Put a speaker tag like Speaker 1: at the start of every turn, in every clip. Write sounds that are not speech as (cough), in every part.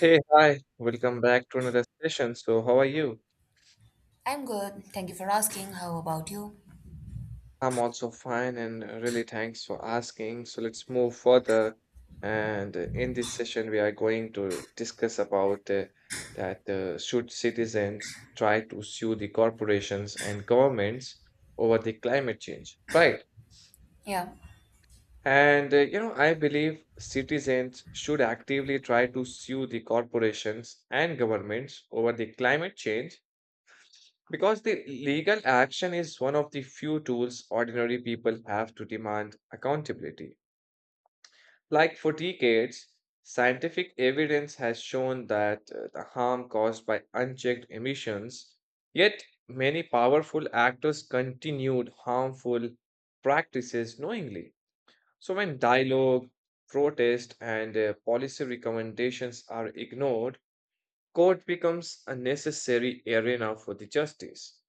Speaker 1: Hey, hi, welcome back to another session. So, how are you?
Speaker 2: I'm good. Thank you for asking. How about you?
Speaker 1: I'm also fine and really thanks for asking. So, let's move further. And In this session, we are going to discuss about that should citizens try to sue the corporations and governments over the climate change, right?
Speaker 2: Yeah.
Speaker 1: I believe citizens should actively try to sue the corporations and governments over the climate change, because the legal action is one of the few tools ordinary people have to demand accountability. Like for decades, scientific evidence has shown that the harm caused by unchecked emissions, yet, many powerful actors continued harmful practices knowingly. So, when dialogue, protest, and policy recommendations are ignored, court becomes a necessary arena for the justice.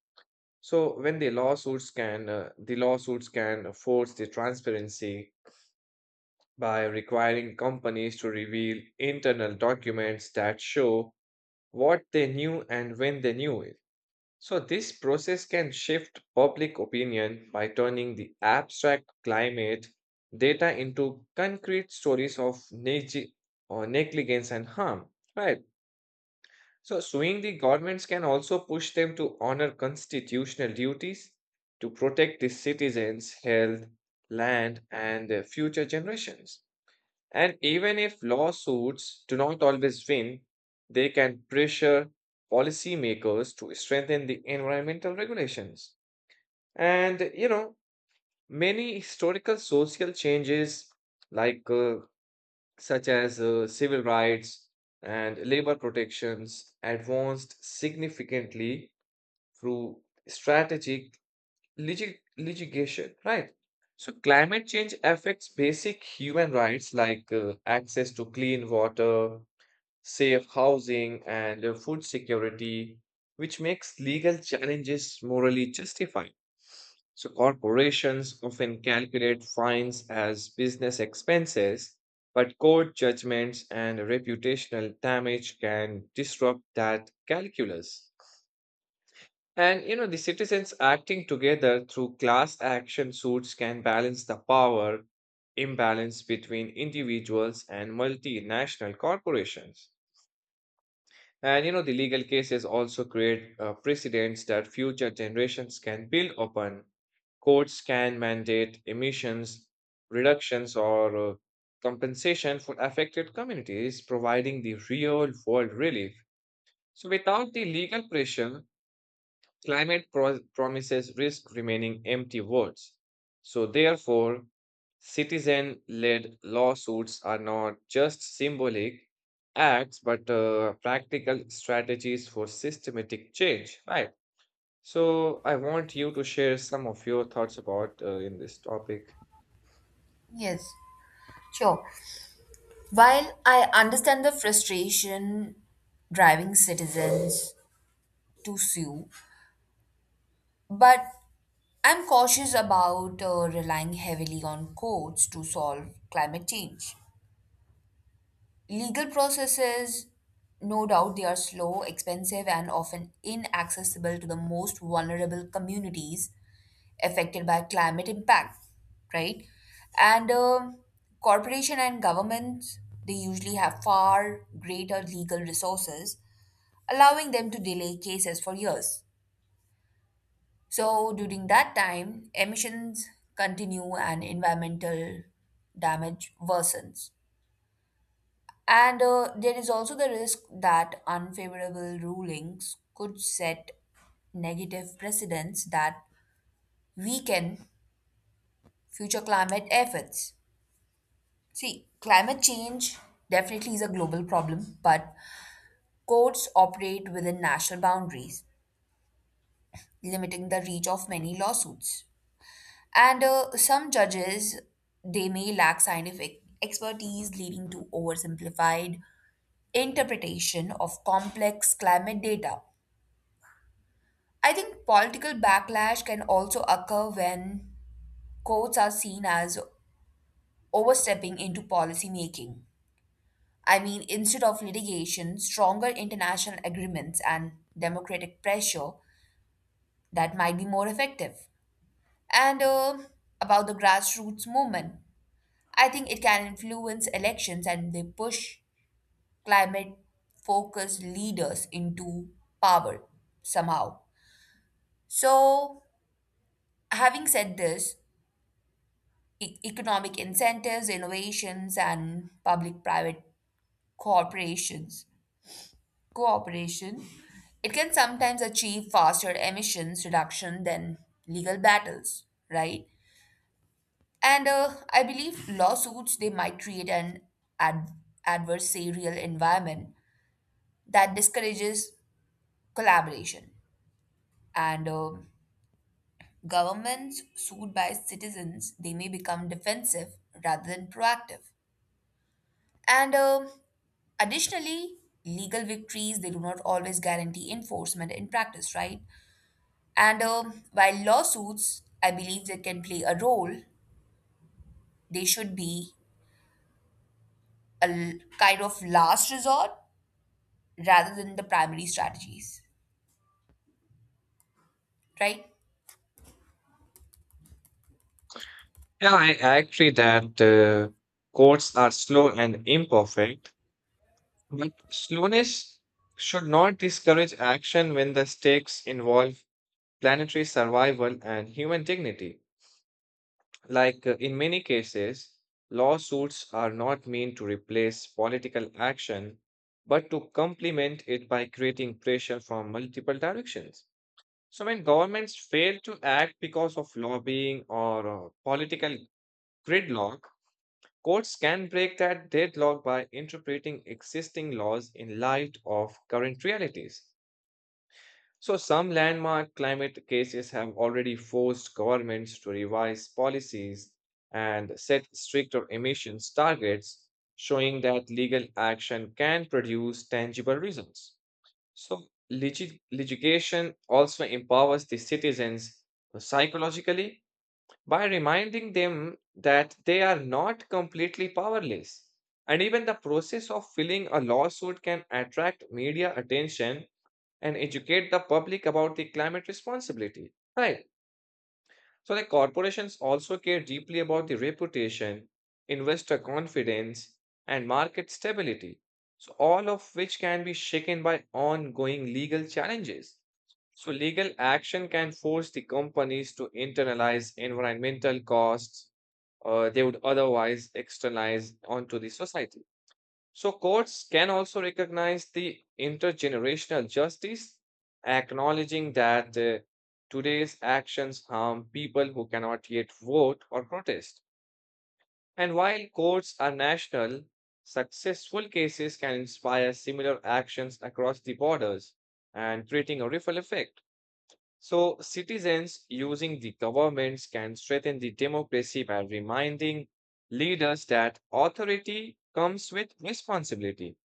Speaker 1: So when the lawsuits can force the transparency by requiring companies to reveal internal documents that show what they knew and when they knew it. So this process can shift public opinion by turning the abstract climate data into concrete stories of neg- or negligence and harm, right? So, suing the governments can also push them to honor constitutional duties to protect the citizens' health, land, and future generations. And even if lawsuits do not always win, they can pressure policymakers to strengthen the environmental regulations. And, you know, many historical social changes like uh, such as civil rights and labor protections, advanced significantly through strategic litigation, right? So, climate change affects basic human rights like access to clean water, safe housing, and food security, which makes legal challenges morally justified. So, corporations often calculate fines as business expenses, but court judgments and reputational damage can disrupt that calculus. And you know, the citizens acting together through class action suits can balance the power imbalance between individuals and multinational corporations. And you know, the legal cases also create precedents that future generations can build upon. Courts can mandate emissions reductions or compensation for affected communities, providing the real world relief. So, without the legal pressure, climate promises risk remaining empty words. So, therefore, citizen led lawsuits are not just symbolic acts but practical strategies for systematic change, right? So, I want you to share some of your thoughts about in this topic.
Speaker 2: Yes. Sure. While I understand the frustration driving citizens to sue, but I'm cautious about relying heavily on courts to solve climate change. Legal processes, no doubt, they are slow, expensive, and often inaccessible to the most vulnerable communities affected by climate impact, right? And Corporation and governments they usually have far greater legal resources, allowing them to delay cases for years. So during that time, emissions continue and environmental damage worsens. And there is also the risk that unfavorable rulings could set negative precedents that weaken future climate efforts. See, climate change definitely is a global problem, but courts operate within national boundaries, limiting the reach of many lawsuits. And some judges, they may lack scientific expertise, leading to oversimplified interpretation of complex climate data. I think political backlash can also occur when courts are seen as overstepping into policy making. I mean, instead of litigation, stronger international agreements and democratic pressure that might be more effective. And about the grassroots movement, I think it can influence elections and they push climate focused leaders into power somehow. So, having said this, economic incentives, innovations, and public private corporations cooperation, it can sometimes achieve faster emissions reduction than legal battles, right? And I believe lawsuits they might create an ad- adversarial environment that discourages collaboration. And governments sued by citizens they may become defensive rather than proactive. And additionally, legal victories they do not always guarantee enforcement in practice, right? And while lawsuits, I believe they can play a role, they should be kind of last resort rather than the primary strategies, right?
Speaker 1: Yeah, I agree that courts are slow and imperfect, but slowness should not discourage action when the stakes involve planetary survival and human dignity. Like in many cases, lawsuits are not meant to replace political action, but to complement it by creating pressure from multiple directions. So when governments fail to act because of lobbying or political gridlock, courts can break that deadlock by interpreting existing laws in light of current realities. So, some landmark climate cases have already forced governments to revise policies and set stricter emissions targets, showing that legal action can produce tangible results. So, litigation also empowers the citizens psychologically by reminding them that they are not completely powerless. And even the process of filing a lawsuit can attract media attention and educate the public about the climate responsibility. Right. So the corporations also care deeply about the reputation, investor confidence, and market stability. So all of which can be shaken by ongoing legal challenges. So legal action can force the companies to internalize environmental costs they would otherwise externalize onto the society. So courts can also recognize the intergenerational justice, acknowledging that today's actions harm people who cannot yet vote or protest. And while courts are national, successful cases can inspire similar actions across the borders and creating a ripple effect. So citizens using the governments can strengthen the democracy by reminding leaders that authority comes with responsibility.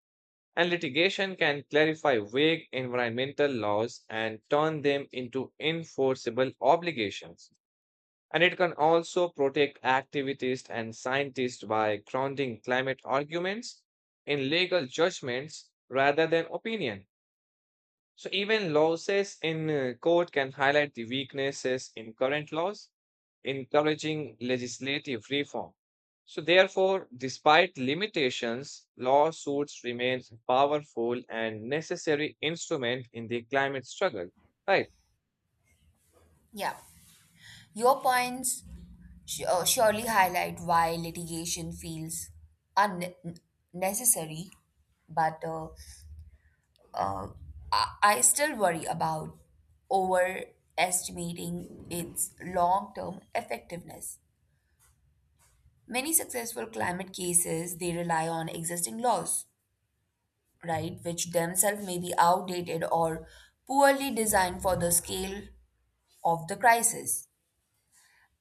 Speaker 1: And litigation can clarify vague environmental laws and turn them into enforceable obligations. And it can also protect activists and scientists by grounding climate arguments in legal judgments rather than opinion. So even losses in court can highlight the weaknesses in current laws, encouraging legislative reform. So therefore, despite limitations, lawsuits remain a powerful and necessary instrument in the climate struggle. Right.
Speaker 2: Yeah. Your points surely highlight why litigation feels unnecessary, but uh, I still worry about overestimating its long term effectiveness. Many successful climate cases they rely on existing laws, right, which themselves may be outdated or poorly designed for the scale of the crisis.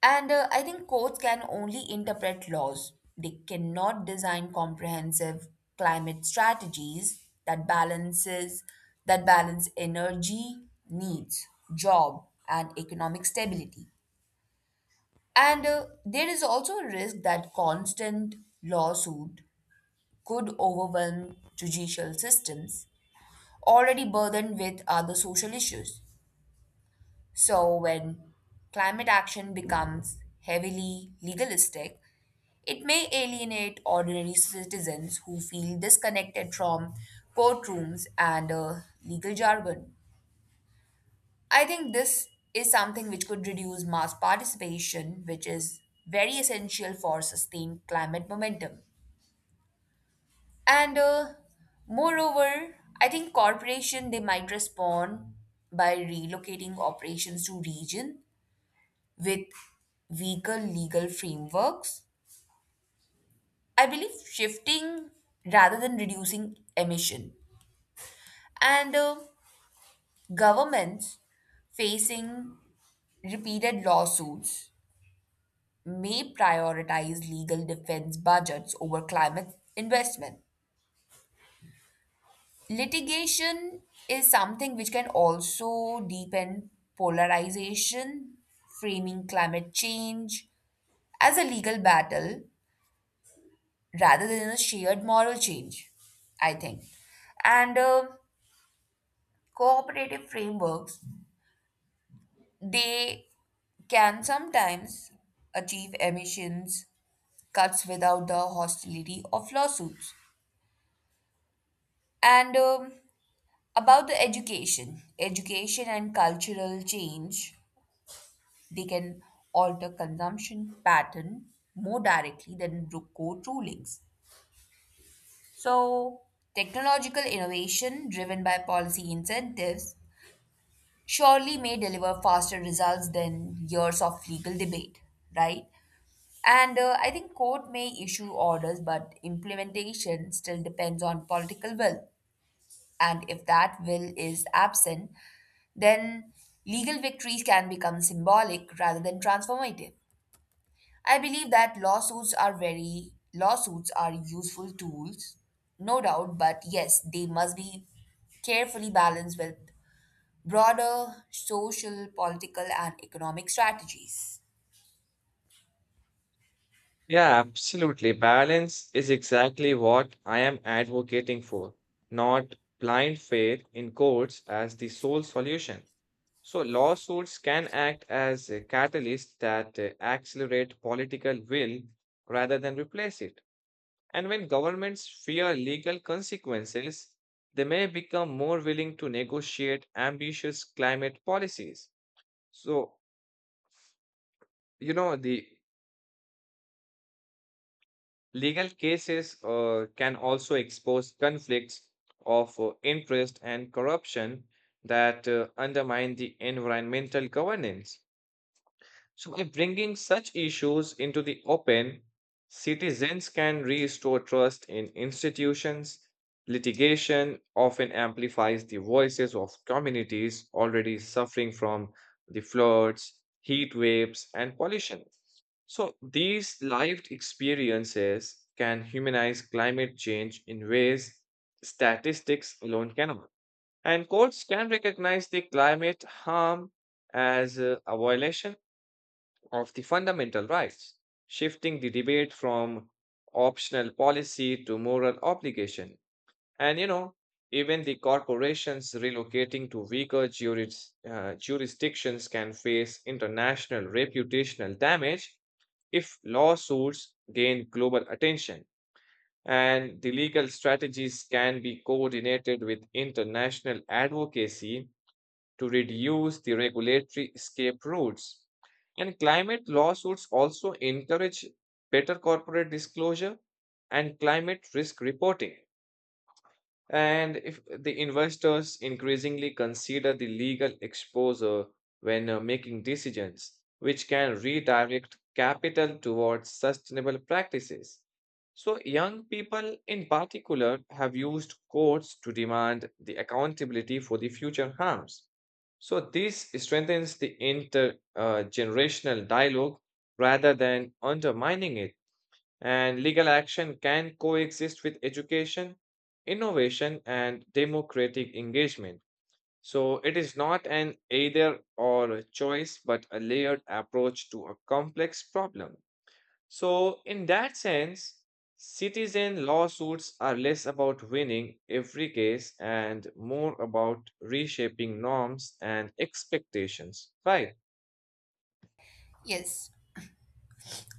Speaker 2: And I think courts can only interpret laws. They cannot design comprehensive climate strategies that balances that balance energy needs, job and economic stability. And there is also a risk that constant lawsuit could overwhelm judicial systems already burdened with other social issues. So, when climate action becomes heavily legalistic, it may alienate ordinary citizens who feel disconnected from courtrooms and legal jargon. I think this is something which could reduce mass participation, which is very essential for sustained climate momentum. And moreover, I think corporation they might respond by relocating operations to region with weaker legal frameworks, I believe shifting rather than reducing emission. And governments facing repeated lawsuits may prioritize legal defense budgets over climate investment. Litigation is something which can also deepen polarization, framing climate change as a legal battle rather than a shared moral change, I think. And cooperative frameworks, they can sometimes achieve emissions cuts without the hostility of lawsuits. And about the education and cultural change. They can alter consumption pattern more directly than court rulings. So, technological innovation driven by policy incentives surely may deliver faster results than years of legal debate, right? And I think court may issue orders, but implementation still depends on political will. And if that will is absent, then legal victories can become symbolic rather than transformative. I believe that lawsuits are useful tools, no doubt, but yes, they must be carefully balanced with broader social, political and economic strategies.
Speaker 1: Yeah, absolutely. Balance is exactly what I am advocating for, not blind faith in courts as the sole solution. So lawsuits can act as a catalyst that accelerate political will rather than replace it. And when governments fear legal consequences, they may become more willing to negotiate ambitious climate policies. So, you know, the legal cases can also expose conflicts of interest and corruption that undermine the environmental governance. So, by bringing such issues into the open, citizens can restore trust in institutions. Litigation often amplifies the voices of communities already suffering from the floods, heat waves, and pollution. So, these lived experiences can humanize climate change in ways statistics alone cannot. And courts can recognize the climate harm as a violation of the fundamental rights, shifting the debate from optional policy to moral obligation. And you know, even the corporations relocating to weaker jurisdictions can face international reputational damage if lawsuits gain global attention. And the legal strategies can be coordinated with international advocacy to reduce the regulatory escape routes. And climate lawsuits also encourage better corporate disclosure and climate risk reporting. And if the investors increasingly consider the legal exposure when making decisions, which can redirect capital towards sustainable practices. So, young people in particular have used courts to demand the accountability for the future harms. So this strengthens the intergenerational dialogue rather than undermining it. And legal action can coexist with education, innovation, and democratic engagement. So it is not an either or choice, but a layered approach to a complex problem. So, in that sense, citizen lawsuits are less about winning every case and more about reshaping norms and expectations, right?
Speaker 2: Yes,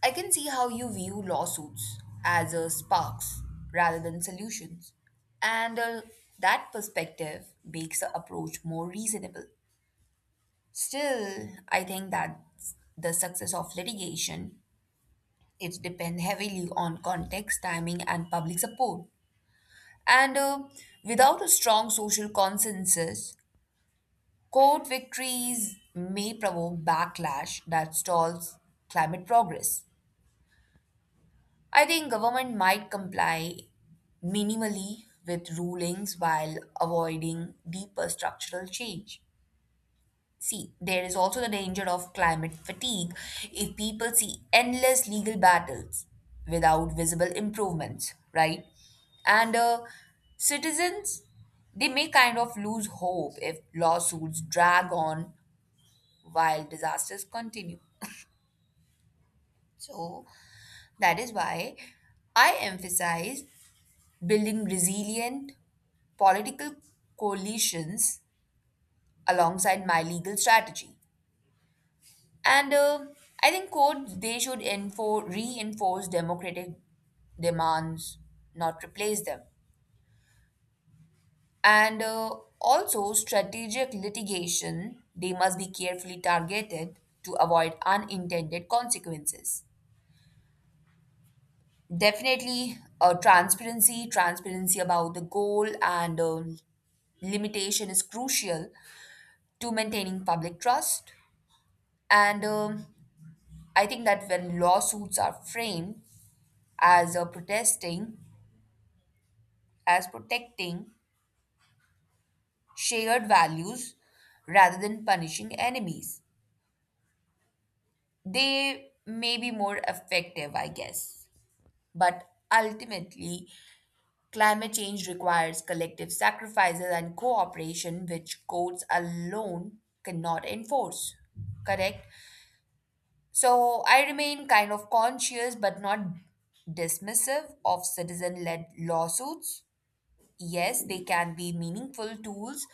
Speaker 2: I can see how you view lawsuits as sparks rather than solutions. And that perspective makes the approach more reasonable. Still, I think that the success of litigation, it depends heavily on context, timing, and public support. And without a strong social consensus, court victories may provoke backlash that stalls climate progress. I think government might comply minimally with rulings while avoiding deeper structural change. See, there is also the danger of climate fatigue if people see endless legal battles without visible improvements, right? And citizens, they may kind of lose hope if lawsuits drag on while disasters continue. So that is why I emphasize building resilient political coalitions alongside my legal strategy. And I think courts they should reinforce democratic demands, not replace them. And also strategic litigation they must be carefully targeted to avoid unintended consequences. Definitely, transparency about the goal and limitation is crucial to maintaining public trust. And I think that when lawsuits are framed, as a protesting as protecting shared values rather than punishing enemies, they may be more effective, I guess. But ultimately, climate change requires collective sacrifices and cooperation which courts alone cannot enforce, correct? So I remain kind of conscious but not dismissive of citizen led lawsuits. Yes, they can be meaningful tools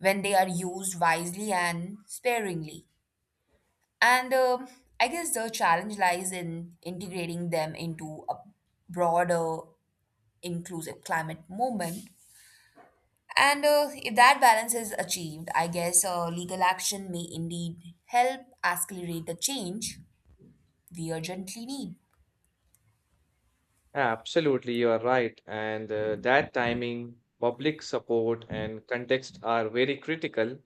Speaker 2: when they are used wisely and sparingly. And I guess the challenge lies in integrating them into a broader inclusive climate movement. And if that balance is achieved, I guess legal action may indeed help accelerate the change we urgently need.
Speaker 1: Absolutely, you are right. And That timing, public support, and context are very critical.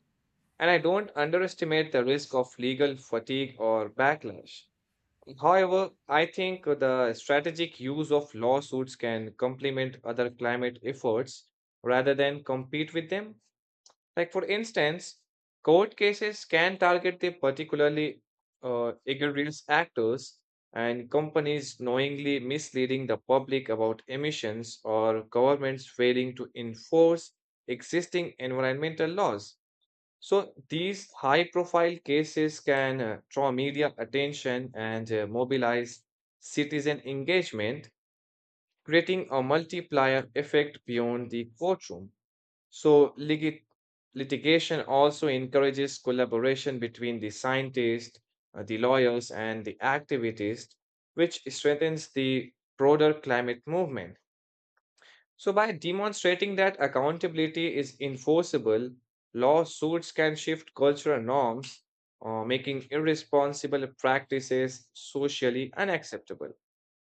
Speaker 1: And I don't underestimate the risk of legal fatigue or backlash. However, I think the strategic use of lawsuits can complement other climate efforts rather than compete with them. Like, for instance, court cases can target the particularly egregious actors and companies knowingly misleading the public about emissions or governments failing to enforce existing environmental laws. So these high profile cases can draw media attention and mobilize citizen engagement, creating a multiplier effect beyond the courtroom. So litigation also encourages collaboration between the scientists, the lawyers, and the activists, which strengthens the broader climate movement. So, by demonstrating that accountability is enforceable, lawsuits can shift cultural norms, making irresponsible practices socially unacceptable.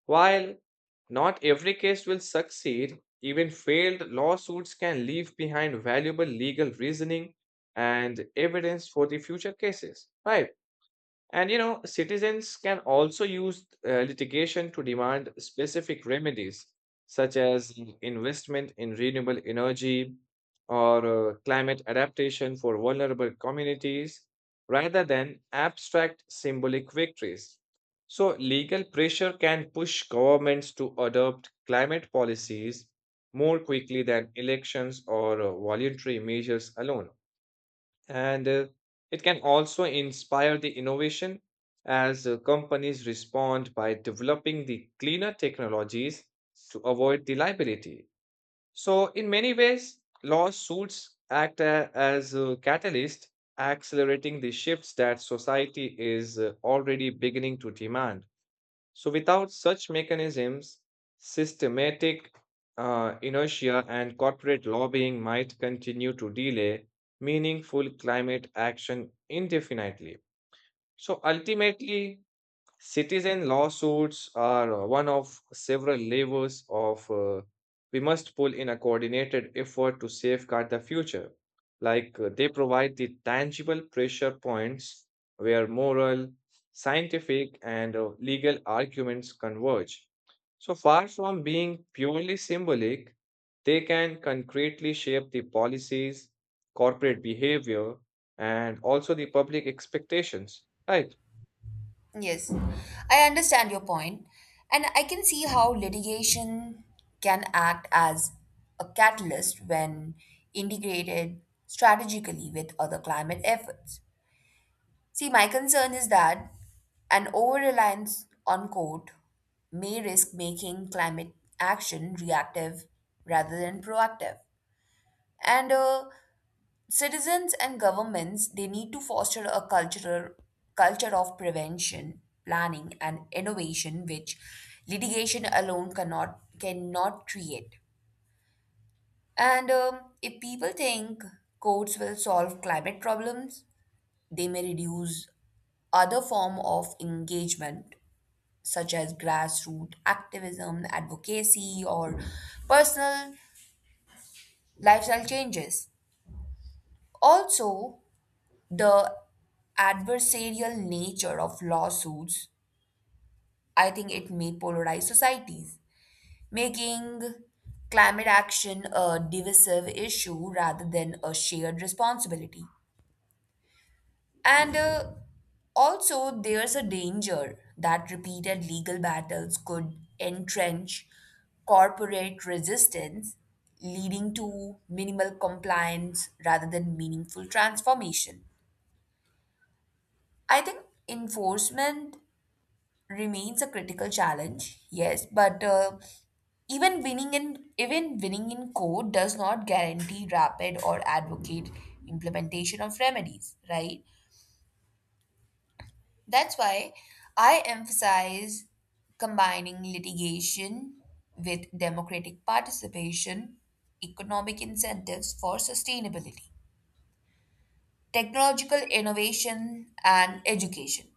Speaker 1: While not every case will succeed, even failed lawsuits can leave behind valuable legal reasoning and evidence for the future cases, right? And you know, citizens can also use litigation to demand specific remedies, such as investment in renewable energy or climate adaptation for vulnerable communities, rather than abstract symbolic victories. So, legal pressure can push governments to adopt climate policies more quickly than elections or voluntary measures alone. And It can also inspire the innovation as companies respond by developing the cleaner technologies to avoid the liability. So, in many ways, lawsuits as a catalyst, accelerating the shifts that society is already beginning to demand. So, without such mechanisms, systematic inertia and corporate lobbying might continue to delay meaningful climate action indefinitely. So, ultimately, citizen lawsuits are one of several levers of we must pull in a coordinated effort to safeguard the future. Like they provide the tangible pressure points where moral, scientific, and legal arguments converge. So far from being purely symbolic, they can concretely shape the policies, corporate behavior, and also the public expectations, right?
Speaker 2: Yes, I understand your point, and I can see how litigation can act as a catalyst when integrated strategically with other climate efforts. See, my concern is that an over reliance on court may risk making climate action reactive rather than proactive. And citizens and governments, they need to foster a cultural culture of prevention, planning, and innovation, which litigation alone cannot create. And if people think courts will solve climate problems, they may reduce other form of engagement such as grassroots activism, advocacy, or personal lifestyle changes. Also, the adversarial nature of lawsuits, I think it may polarize societies, making climate action a divisive issue rather than a shared responsibility. And also, there's a danger that repeated legal battles could entrench corporate resistance, leading to minimal compliance rather than meaningful transformation. I think enforcement remains a critical challenge, yes, but even winning in court does not guarantee rapid or advocate implementation of remedies, right? That's why I emphasize combining litigation with democratic participation, economic incentives for sustainability, technological innovation, and education.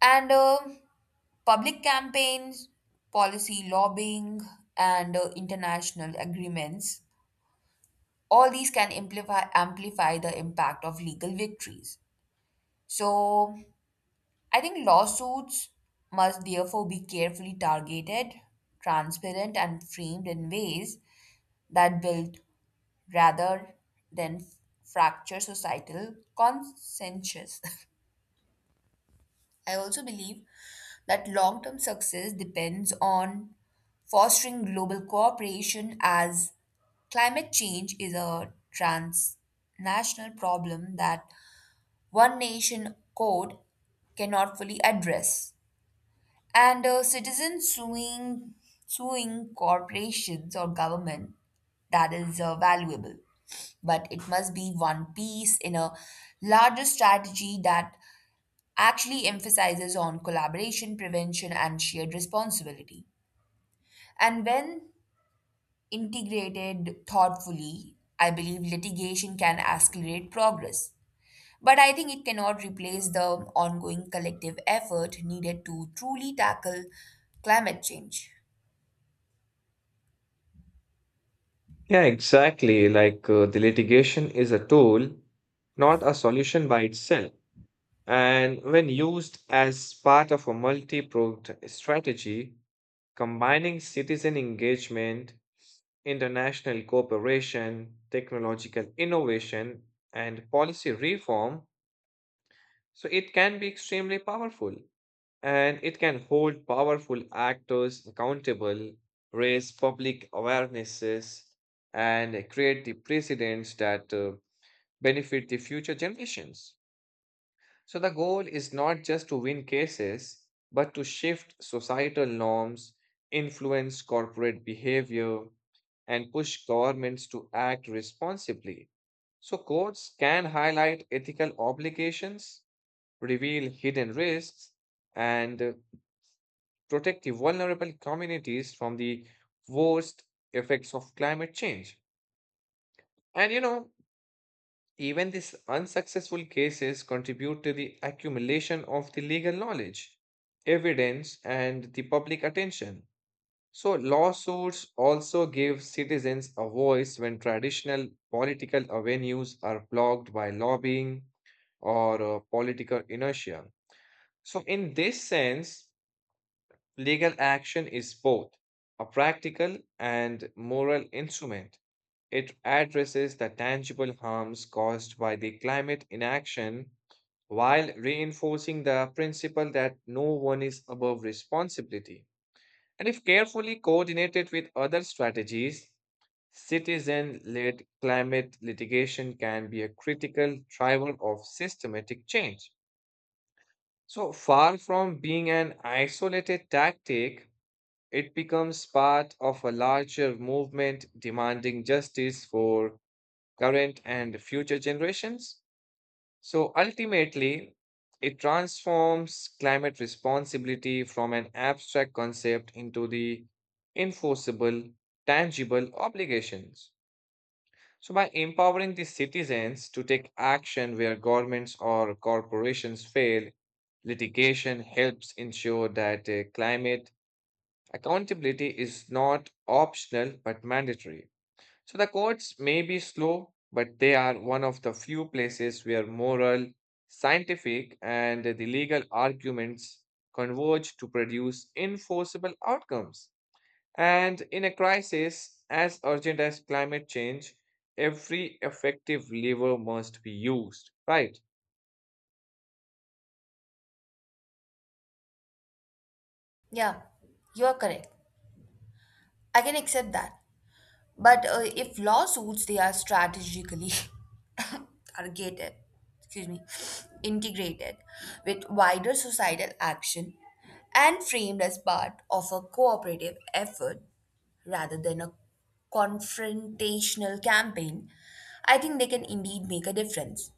Speaker 2: And public campaigns, policy lobbying, and international agreements, all these can amplify the impact of legal victories. So, I think lawsuits must therefore be carefully targeted, transparent, and framed in ways that build rather than fracture societal consensus. (laughs) I also believe that long term success depends on fostering global cooperation as climate change is a transnational problem that one nation code cannot fully address. And suing corporations or government, that is valuable. But it must be one piece in a larger strategy that actually emphasizes on collaboration, prevention, and shared responsibility. And when integrated thoughtfully, I believe litigation can accelerate progress. But I think it cannot replace the ongoing collective effort needed to truly tackle climate change.
Speaker 1: Yeah, exactly. Like the litigation is a tool, not a solution by itself. And when used as part of a multi-pronged strategy, combining citizen engagement, international cooperation, technological innovation, and policy reform, so it can be extremely powerful and it can hold powerful actors accountable, raise public awarenesses, and create the precedents that benefit the future generations. So, the goal is not just to win cases, but to shift societal norms, influence corporate behavior, and push governments to act responsibly. So, courts can highlight ethical obligations, reveal hidden risks, and protect the vulnerable communities from the worst effects of climate change. And you know, even these unsuccessful cases contribute to the accumulation of the legal knowledge, evidence, and the public attention. So, lawsuits also give citizens a voice when traditional political avenues are blocked by lobbying or political inertia. So, in this sense, legal action is both a practical and moral instrument. It addresses the tangible harms caused by the climate inaction while reinforcing the principle that no one is above responsibility. And if carefully coordinated with other strategies, citizen led climate litigation can be a critical driver of systematic change. So far from being an isolated tactic, it becomes part of a larger movement demanding justice for current and future generations. So ultimately, it transforms climate responsibility from an abstract concept into the enforceable, tangible obligations. So, by empowering the citizens to take action where governments or corporations fail, litigation helps ensure that climate accountability is not optional but mandatory. So the courts may be slow, but they are one of the few places where moral, scientific, and the legal arguments converge to produce enforceable outcomes. And in a crisis as urgent as climate change, every effective lever must be used, right?
Speaker 2: Yeah, you are correct. I can accept that. But if lawsuits, they are strategically (laughs) targeted, excuse me, integrated with wider societal action and framed as part of a cooperative effort rather than a confrontational campaign, I think they can indeed make a difference.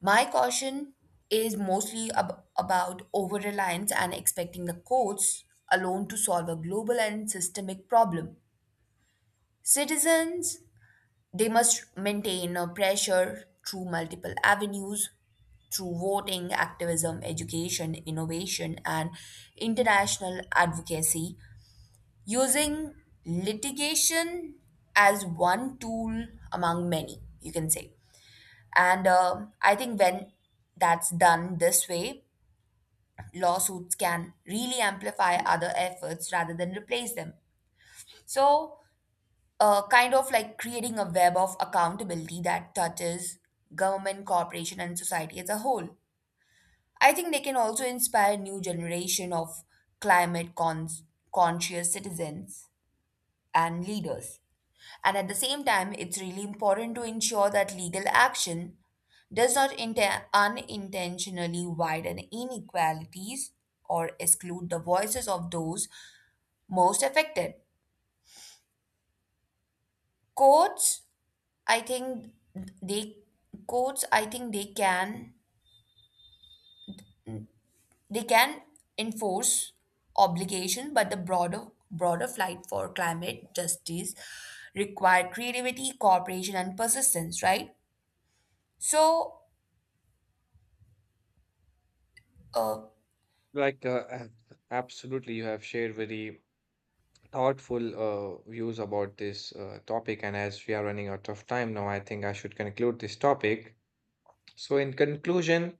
Speaker 2: My caution is mostly about over reliance and expecting the courts alone to solve a global and systemic problem. Citizens they must maintain a pressure through multiple avenues, through voting, activism, education, innovation, and international advocacy, using litigation as one tool among many, you can say. And I think when that's done this way, lawsuits can really amplify other efforts rather than replace them. So, kind of like creating a web of accountability that touches government, corporation, and society as a whole. I think they can also inspire a new generation of climate cons- conscious citizens and leaders. And at the same time, it's really important to ensure that legal action does not unintentionally widen inequalities or exclude the voices of those most affected. Courts I think they Courts, I think, they can they can enforce obligation, but the broader fight for climate justice require creativity, cooperation, and persistence, right? So, uh,
Speaker 1: Like, absolutely, you have shared very thoughtful views about this topic. And as we are running out of time now, I think I should conclude this topic. So, in conclusion,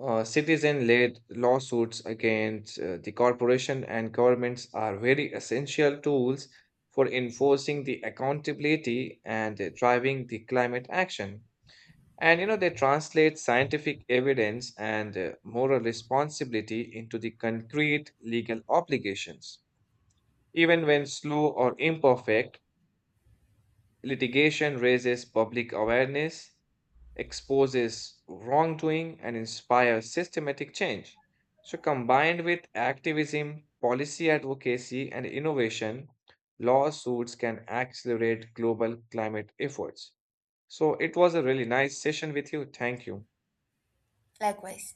Speaker 1: citizen led lawsuits against the corporation and governments are very essential tools for enforcing the accountability and driving the climate action. And you know, they translate scientific evidence and moral responsibility into the concrete legal obligations. Even when slow or imperfect, litigation raises public awareness, exposes wrongdoing, and inspires systematic change. So, combined with activism, policy advocacy, and innovation, lawsuits can accelerate global climate efforts. So, it was a really nice session with you. Thank you.
Speaker 2: likewise.